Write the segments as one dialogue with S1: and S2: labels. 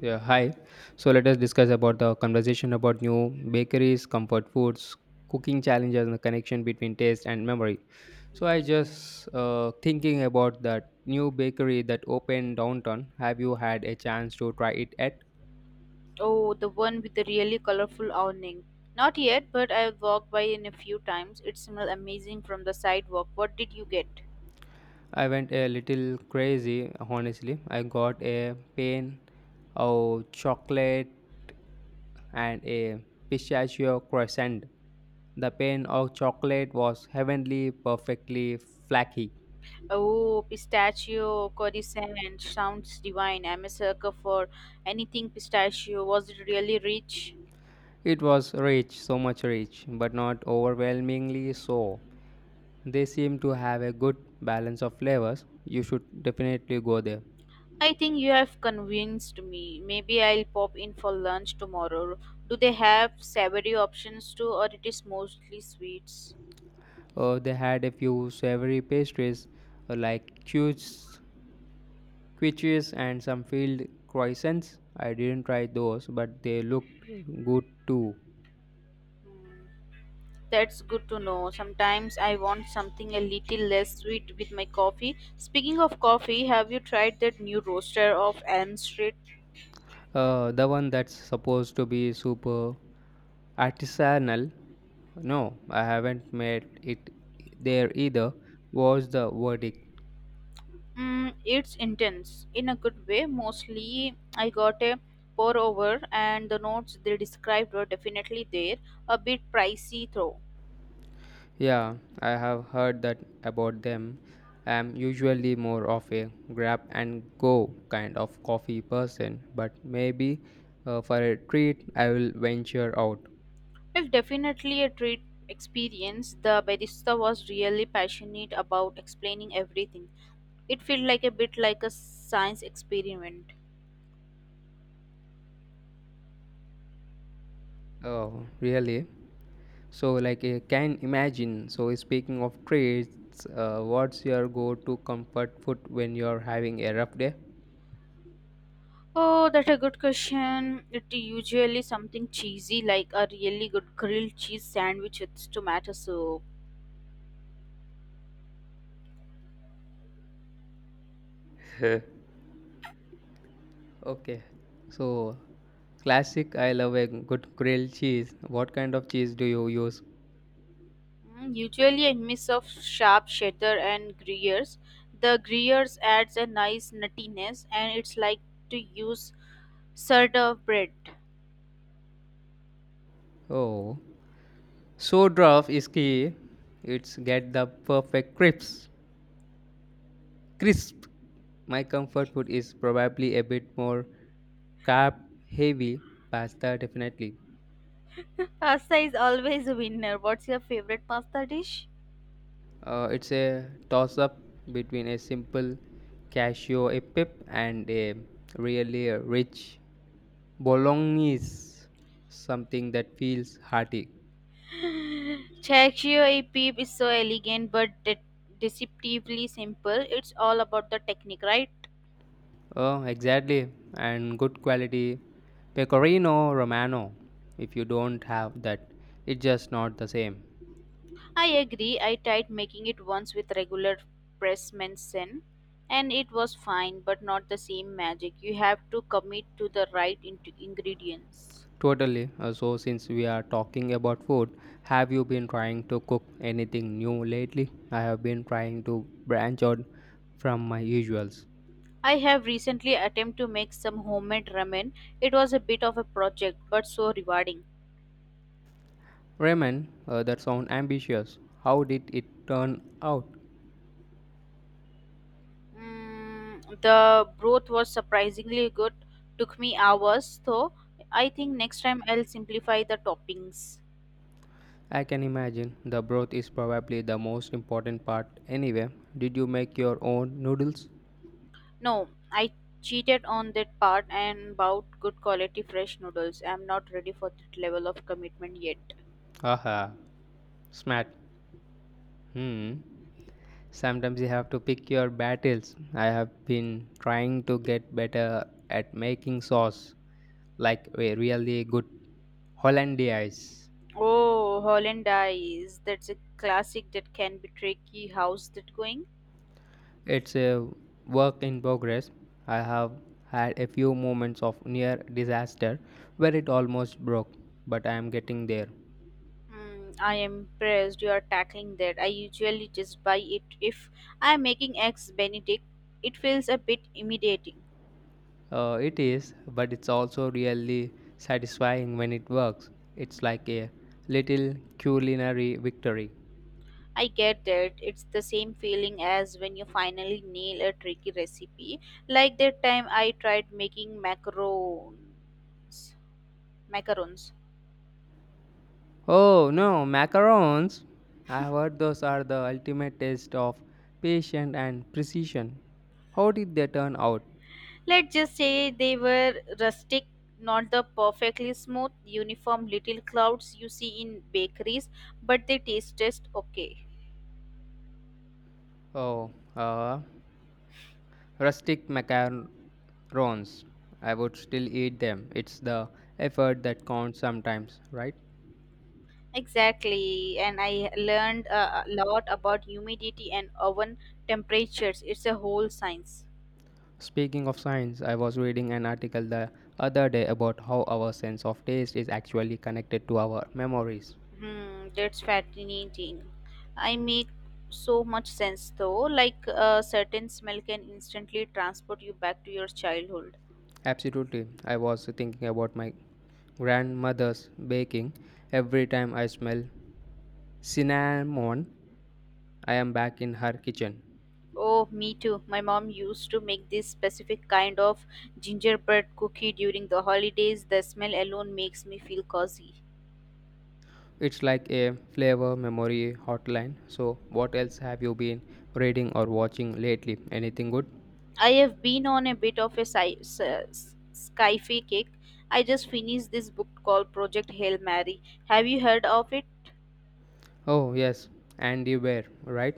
S1: Yeah, hi. So let us discuss about the conversation about new bakeries, comfort foods, cooking challenges, and the connection between taste and memory. So I just thinking about that new bakery that opened downtown. Have you had a chance to try it yet?
S2: Oh, the one with the really colorful awning. Not yet, but I've walked by in a few times. It smells amazing from the sidewalk. What did you get?
S1: I went a little crazy, honestly. I got a pain of chocolate and a pistachio croissant. The pain of chocolate was heavenly, perfectly flaky.
S2: Oh, pistachio croissant sounds divine. I'm a sucker for anything pistachio. Was it really rich?
S1: It was rich, so much rich, but not overwhelmingly so. They seem to have a good balance of flavors. You should definitely go there.
S2: I think you have convinced me. Maybe I'll pop in for lunch tomorrow. Do they have savory options too, or it is mostly sweets?
S1: They had a few savory pastries, like quiches and some field croissants. I didn't try those, but they looked good too.
S2: Hmm. That's good to know. Sometimes I want something a little less sweet with my coffee. Speaking of coffee, have you tried that new roaster of Elm Street?
S1: The one that's supposed to be super artisanal. No, I haven't made it there either. Was the verdict?
S2: Mm, it's intense in a good way. Mostly, I got a pour over, and the notes they described were definitely there. A bit pricey though.
S1: Yeah, I have heard that about them. I'm usually more of a grab and go kind of coffee person, but maybe for a treat I will venture out.
S2: It's definitely a treat experience. The barista was really passionate about explaining everything. It felt like a bit like a science experiment.
S1: Oh, really? So, like, I can imagine. So, speaking of treats, what's your go to comfort food when you're having a rough day?
S2: Oh, that's a good question. It usually something cheesy like a really good grilled cheese sandwich with tomato soup.
S1: Okay, so classic, I love a good grilled cheese. What kind of cheese do you use?
S2: Mm, usually a mix of sharp cheddar and gruyers. The gruyers adds a nice nuttiness and it's like to use sort of bread.
S1: Oh, so draft is key. It's get the perfect crisp. Crisp. My comfort food is probably a bit more carb heavy, pasta definitely.
S2: Pasta is always a winner. What's your favorite pasta dish?
S1: It's a toss up between a simple cashew a pip and a really rich bolognese, something that feels hearty.
S2: Cacio e pepe is so elegant but deceptively simple. It's all about the technique, right?
S1: Oh, exactly. And good quality pecorino romano. If you don't have that, it's just not the same.
S2: I agree. I tried making it once with regular press medicine and it was fine, but not the same magic. You have to commit to the right ingredients.
S1: Totally. So, since we are talking about food, have you been trying to cook anything new lately? I have been trying to branch out from my usuals.
S2: I have recently attempted to make some homemade ramen. It was a bit of a project, but so rewarding.
S1: Ramen, that sounds ambitious. How did it turn out?
S2: Mm, the broth was surprisingly good. Took me hours, though. I think next time I'll simplify the toppings.
S1: I can imagine the broth is probably the most important part anyway. Did you make your own noodles?
S2: No, I cheated on that part and bought good quality fresh noodles. I'm not ready for that level of commitment yet.
S1: Haha. Smart. Hmm. Sometimes you have to pick your battles. I have been trying to get better at making sauce, like a really good hollandaise.
S2: Oh, Hollandaise. That's a classic that can be tricky. How's that going?
S1: It's a work in progress. I have had a few moments of near disaster where it almost broke, but I am getting there.
S2: Mm, I am impressed you are tackling that. I usually just buy it if I am making eggs Benedict. It feels a bit intimidating.
S1: It is, but it's also really satisfying when it works. It's like a little culinary victory.
S2: I get that. It's the same feeling as when you finally nail a tricky recipe. Like that time I tried making macarons. Macarons.
S1: Oh no, macarons! I have heard those are the ultimate test of patience and precision. How did they turn out?
S2: Let's just say they were rustic, not the perfectly smooth, uniform little clouds you see in bakeries, but they tasted okay.
S1: Oh, rustic macarons. I would still eat them. It's the effort that counts sometimes, right?
S2: Exactly, and I learned a lot about humidity and oven temperatures. It's a whole science.
S1: Speaking of science, I was reading an article the other day about how our sense of taste is actually connected to our memories.
S2: Hmm, that's fascinating. I make so much sense though. Like a certain smell can instantly transport you back to your childhood.
S1: Absolutely. I was thinking about my grandmother's baking. Every time I smell cinnamon, I am back in her kitchen.
S2: Oh, me too. My mom used to make this specific kind of gingerbread cookie during the holidays. The smell alone makes me feel cozy.
S1: It's like a flavor memory hotline. So, what else have you been reading or watching lately? Anything good?
S2: I have been on a bit of a sci-fi kick. I just finished this book called Project Hail Mary. Have you heard of it?
S1: Oh, yes, Andy Weir, right?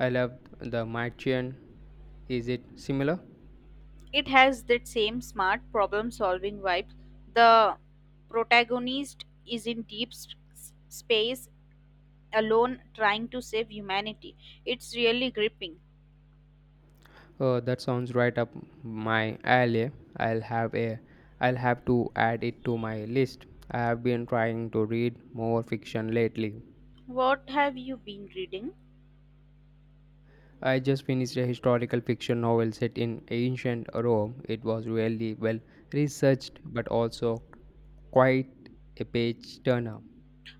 S1: I loved The Martian. Is it similar?
S2: It has that same smart problem solving vibe. The protagonist is in deep space alone trying to save humanity. It's really gripping.
S1: That sounds right up my alley. I'll have a I'll have to add it to my list. I have been trying to read more fiction lately.
S2: What have you been reading?
S1: I just finished a historical fiction novel set in ancient Rome. It was really well researched but also quite a page turner.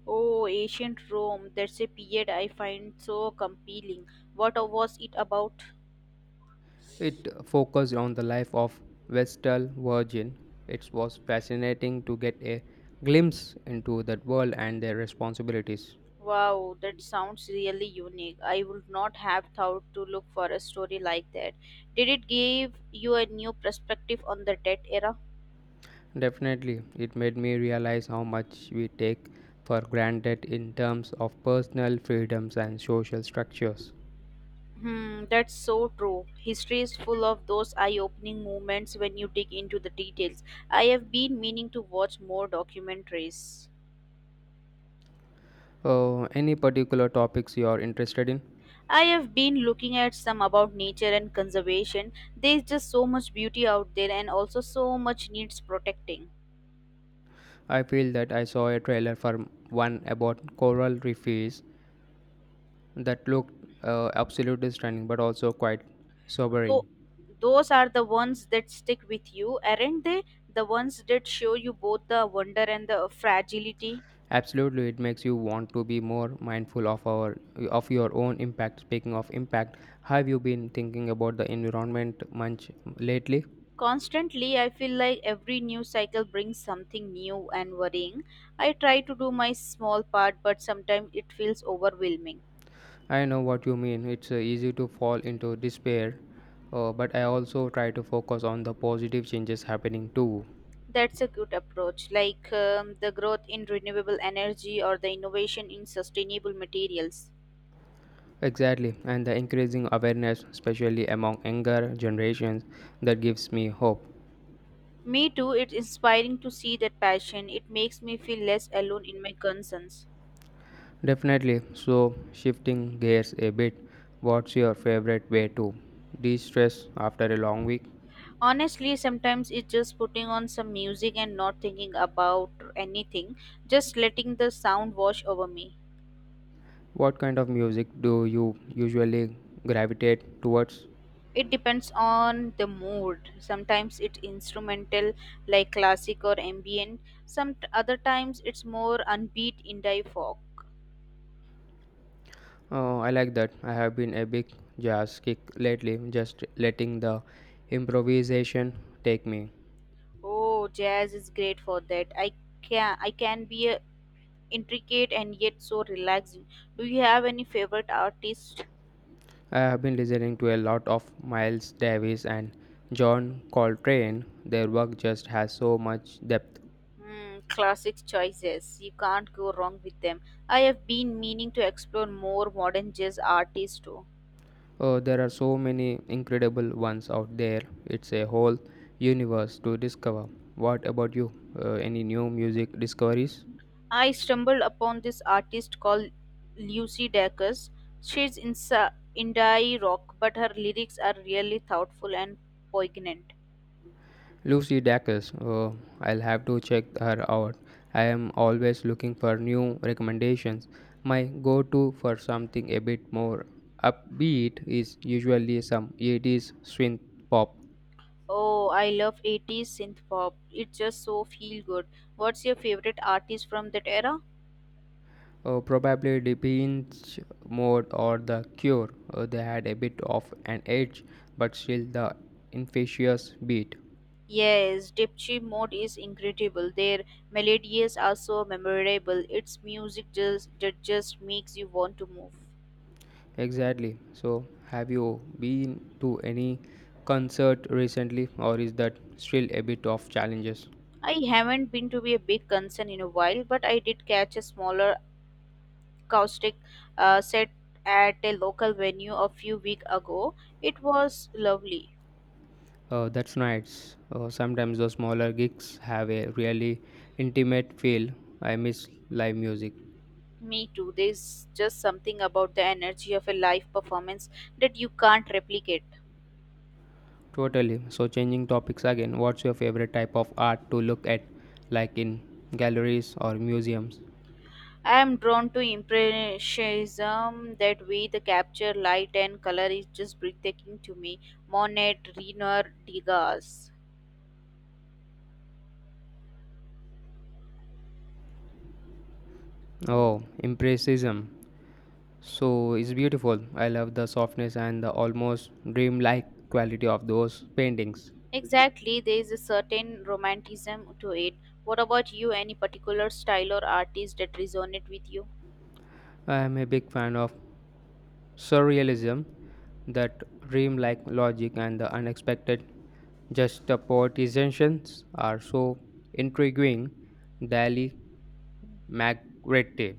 S2: Oh, ancient Rome. That's a period I find so compelling. What was it about?
S1: It focused on the life of Vestal Virgin. It was fascinating to get a glimpse into that world and their responsibilities.
S2: Wow, that sounds really unique. I would not have thought to look for a story like that. Did it give you a new perspective on the debt era?
S1: Definitely, it made me realize how much we take for granted in terms of personal freedoms and social structures.
S2: Hmm, that's so true. History is full of those eye-opening moments when you dig into the details. I have been meaning to watch more documentaries.
S1: Any particular topics you are interested in?
S2: I have been looking at some about nature and conservation. There's just so much beauty out there and also so much needs protecting.
S1: I feel that I saw a trailer for one about coral reefs that looked absolutely stunning but also quite sobering.
S2: Though those are the ones that stick with you, aren't they? The ones that show you both the wonder and the fragility.
S1: Absolutely, it makes you want to be more mindful of our of your own impact. Speaking of impact, have you been thinking about the environment much lately?
S2: Constantly, I feel like every news cycle brings something new and worrying. I try to do my small part, but sometimes it feels overwhelming.
S1: I know what you mean. It's easy to fall into despair, but I also try to focus on the positive changes happening too.
S2: That's a good approach, like the growth in renewable energy or the innovation in sustainable materials.
S1: Exactly, and the increasing awareness, especially among younger generations, that gives me hope.
S2: Me too, it's inspiring to see that passion. It makes me feel less alone in my concerns.
S1: Definitely. So, shifting gears a bit, what's your favorite way to de stress after a long week?
S2: Honestly, sometimes it's just putting on some music and not thinking about anything, just letting the sound wash over me.
S1: What kind of music do you usually gravitate towards?
S2: It depends on the mood. Sometimes it's instrumental, like classic or ambient. Some other times it's more unbeat indie folk.
S1: Oh, I like that. I have been a big jazz kick lately, just letting the improvisation take me.
S2: Oh, jazz is great for that. I can be intricate and yet so relaxing. Do you have any favorite artist?
S1: I have been listening to a lot of Miles Davis and John Coltrane. Their work just has so much depth.
S2: Hmm, classic choices. You can't go wrong with them. I have been meaning to explore more modern jazz artists too.
S1: There are so many incredible ones out there. It's a whole universe to discover. What about you? Any new music discoveries?
S2: I stumbled upon this artist called Lucy Dacus. She's in indie rock, but her lyrics are really thoughtful and poignant.
S1: Lucy Dacus. I'll have to check her out. I am always looking for new recommendations. My go to for something a bit more upbeat is usually some 80s synth pop.
S2: Oh, I love 80s synth pop. It's just so feel good. What's your favorite artist from that era?
S1: Probably the pinch mode or the cure. They had a bit of an edge, but still the infectious beat.
S2: Yes, Dipchi Mode is incredible. Their melodies are so memorable. Its music just that just makes you want to move.
S1: Exactly. So, have you been to any concert recently, or is that still a bit of challenges?
S2: I haven't been to be a big concern in a while, but I did catch a smaller acoustic set at a local venue a few weeks ago. It was lovely.
S1: That's nice. Sometimes the smaller gigs have a really intimate feel. I miss live music.
S2: Me too. There's just something about the energy of a live performance that you can't replicate.
S1: Totally. So, changing topics again, what's your favorite type of art to look at, like in galleries or museums?
S2: I am drawn to impressionism. That way, the capture, light, and color is just breathtaking to me. Monet, Renoir, Degas.
S1: Oh,
S2: Mm,
S1: Impressionism. So, it's beautiful. I love the softness and the almost dreamlike quality of those paintings.
S2: exactly, there is a certain romanticism to it. What about you? Any particular style or artist that resonate with you?
S1: I am a big fan of surrealism, that dreamlike logic and the unexpected juxtapositions are so intriguing. Dali Magritte.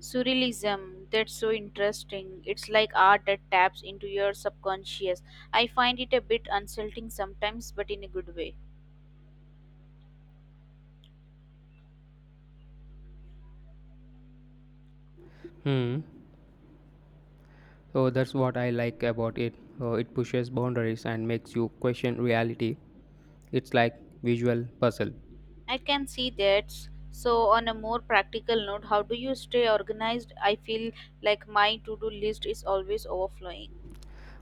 S2: Surrealism, that's so interesting. It's like art that taps into your subconscious. I find it a bit unsettling sometimes, but in a good way.
S1: Hmm. So that's what I like about it. It pushes boundaries and makes you question reality. It's like visual puzzle.
S2: I can see that. So, on a more practical note, how do you stay organized? I feel like my to do list is always overflowing.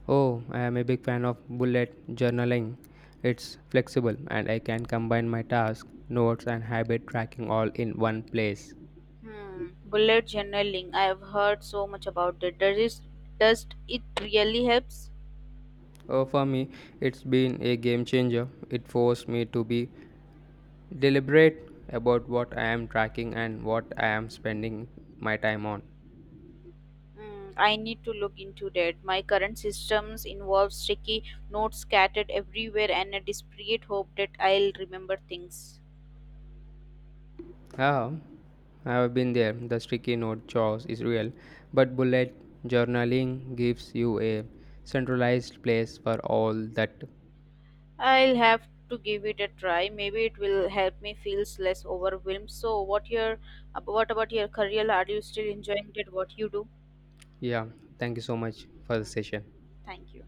S1: Oh, I am a big fan of bullet journaling. It's flexible and I can combine my tasks, notes and habit tracking all in one place.
S2: Hmm. Bullet journaling. I have heard so much about that. Does it really helps?
S1: Oh, for me, it's been a game changer. It forced me to be deliberate about what I am tracking and what I am spending my time on.
S2: Mm, I need to look into that. My current systems involve sticky notes scattered everywhere and a desperate hope that I'll remember things.
S1: Yeah, I've been there. The sticky note chores is real, but bullet journaling gives you a centralized place for all that.
S2: I'll have to give it a try. Maybe it will help me feel less overwhelmed. So, what about your career? Are you still enjoying that? What you do?
S1: Yeah, thank you so much for the
S2: Mhm.
S1: session.
S2: Thank you.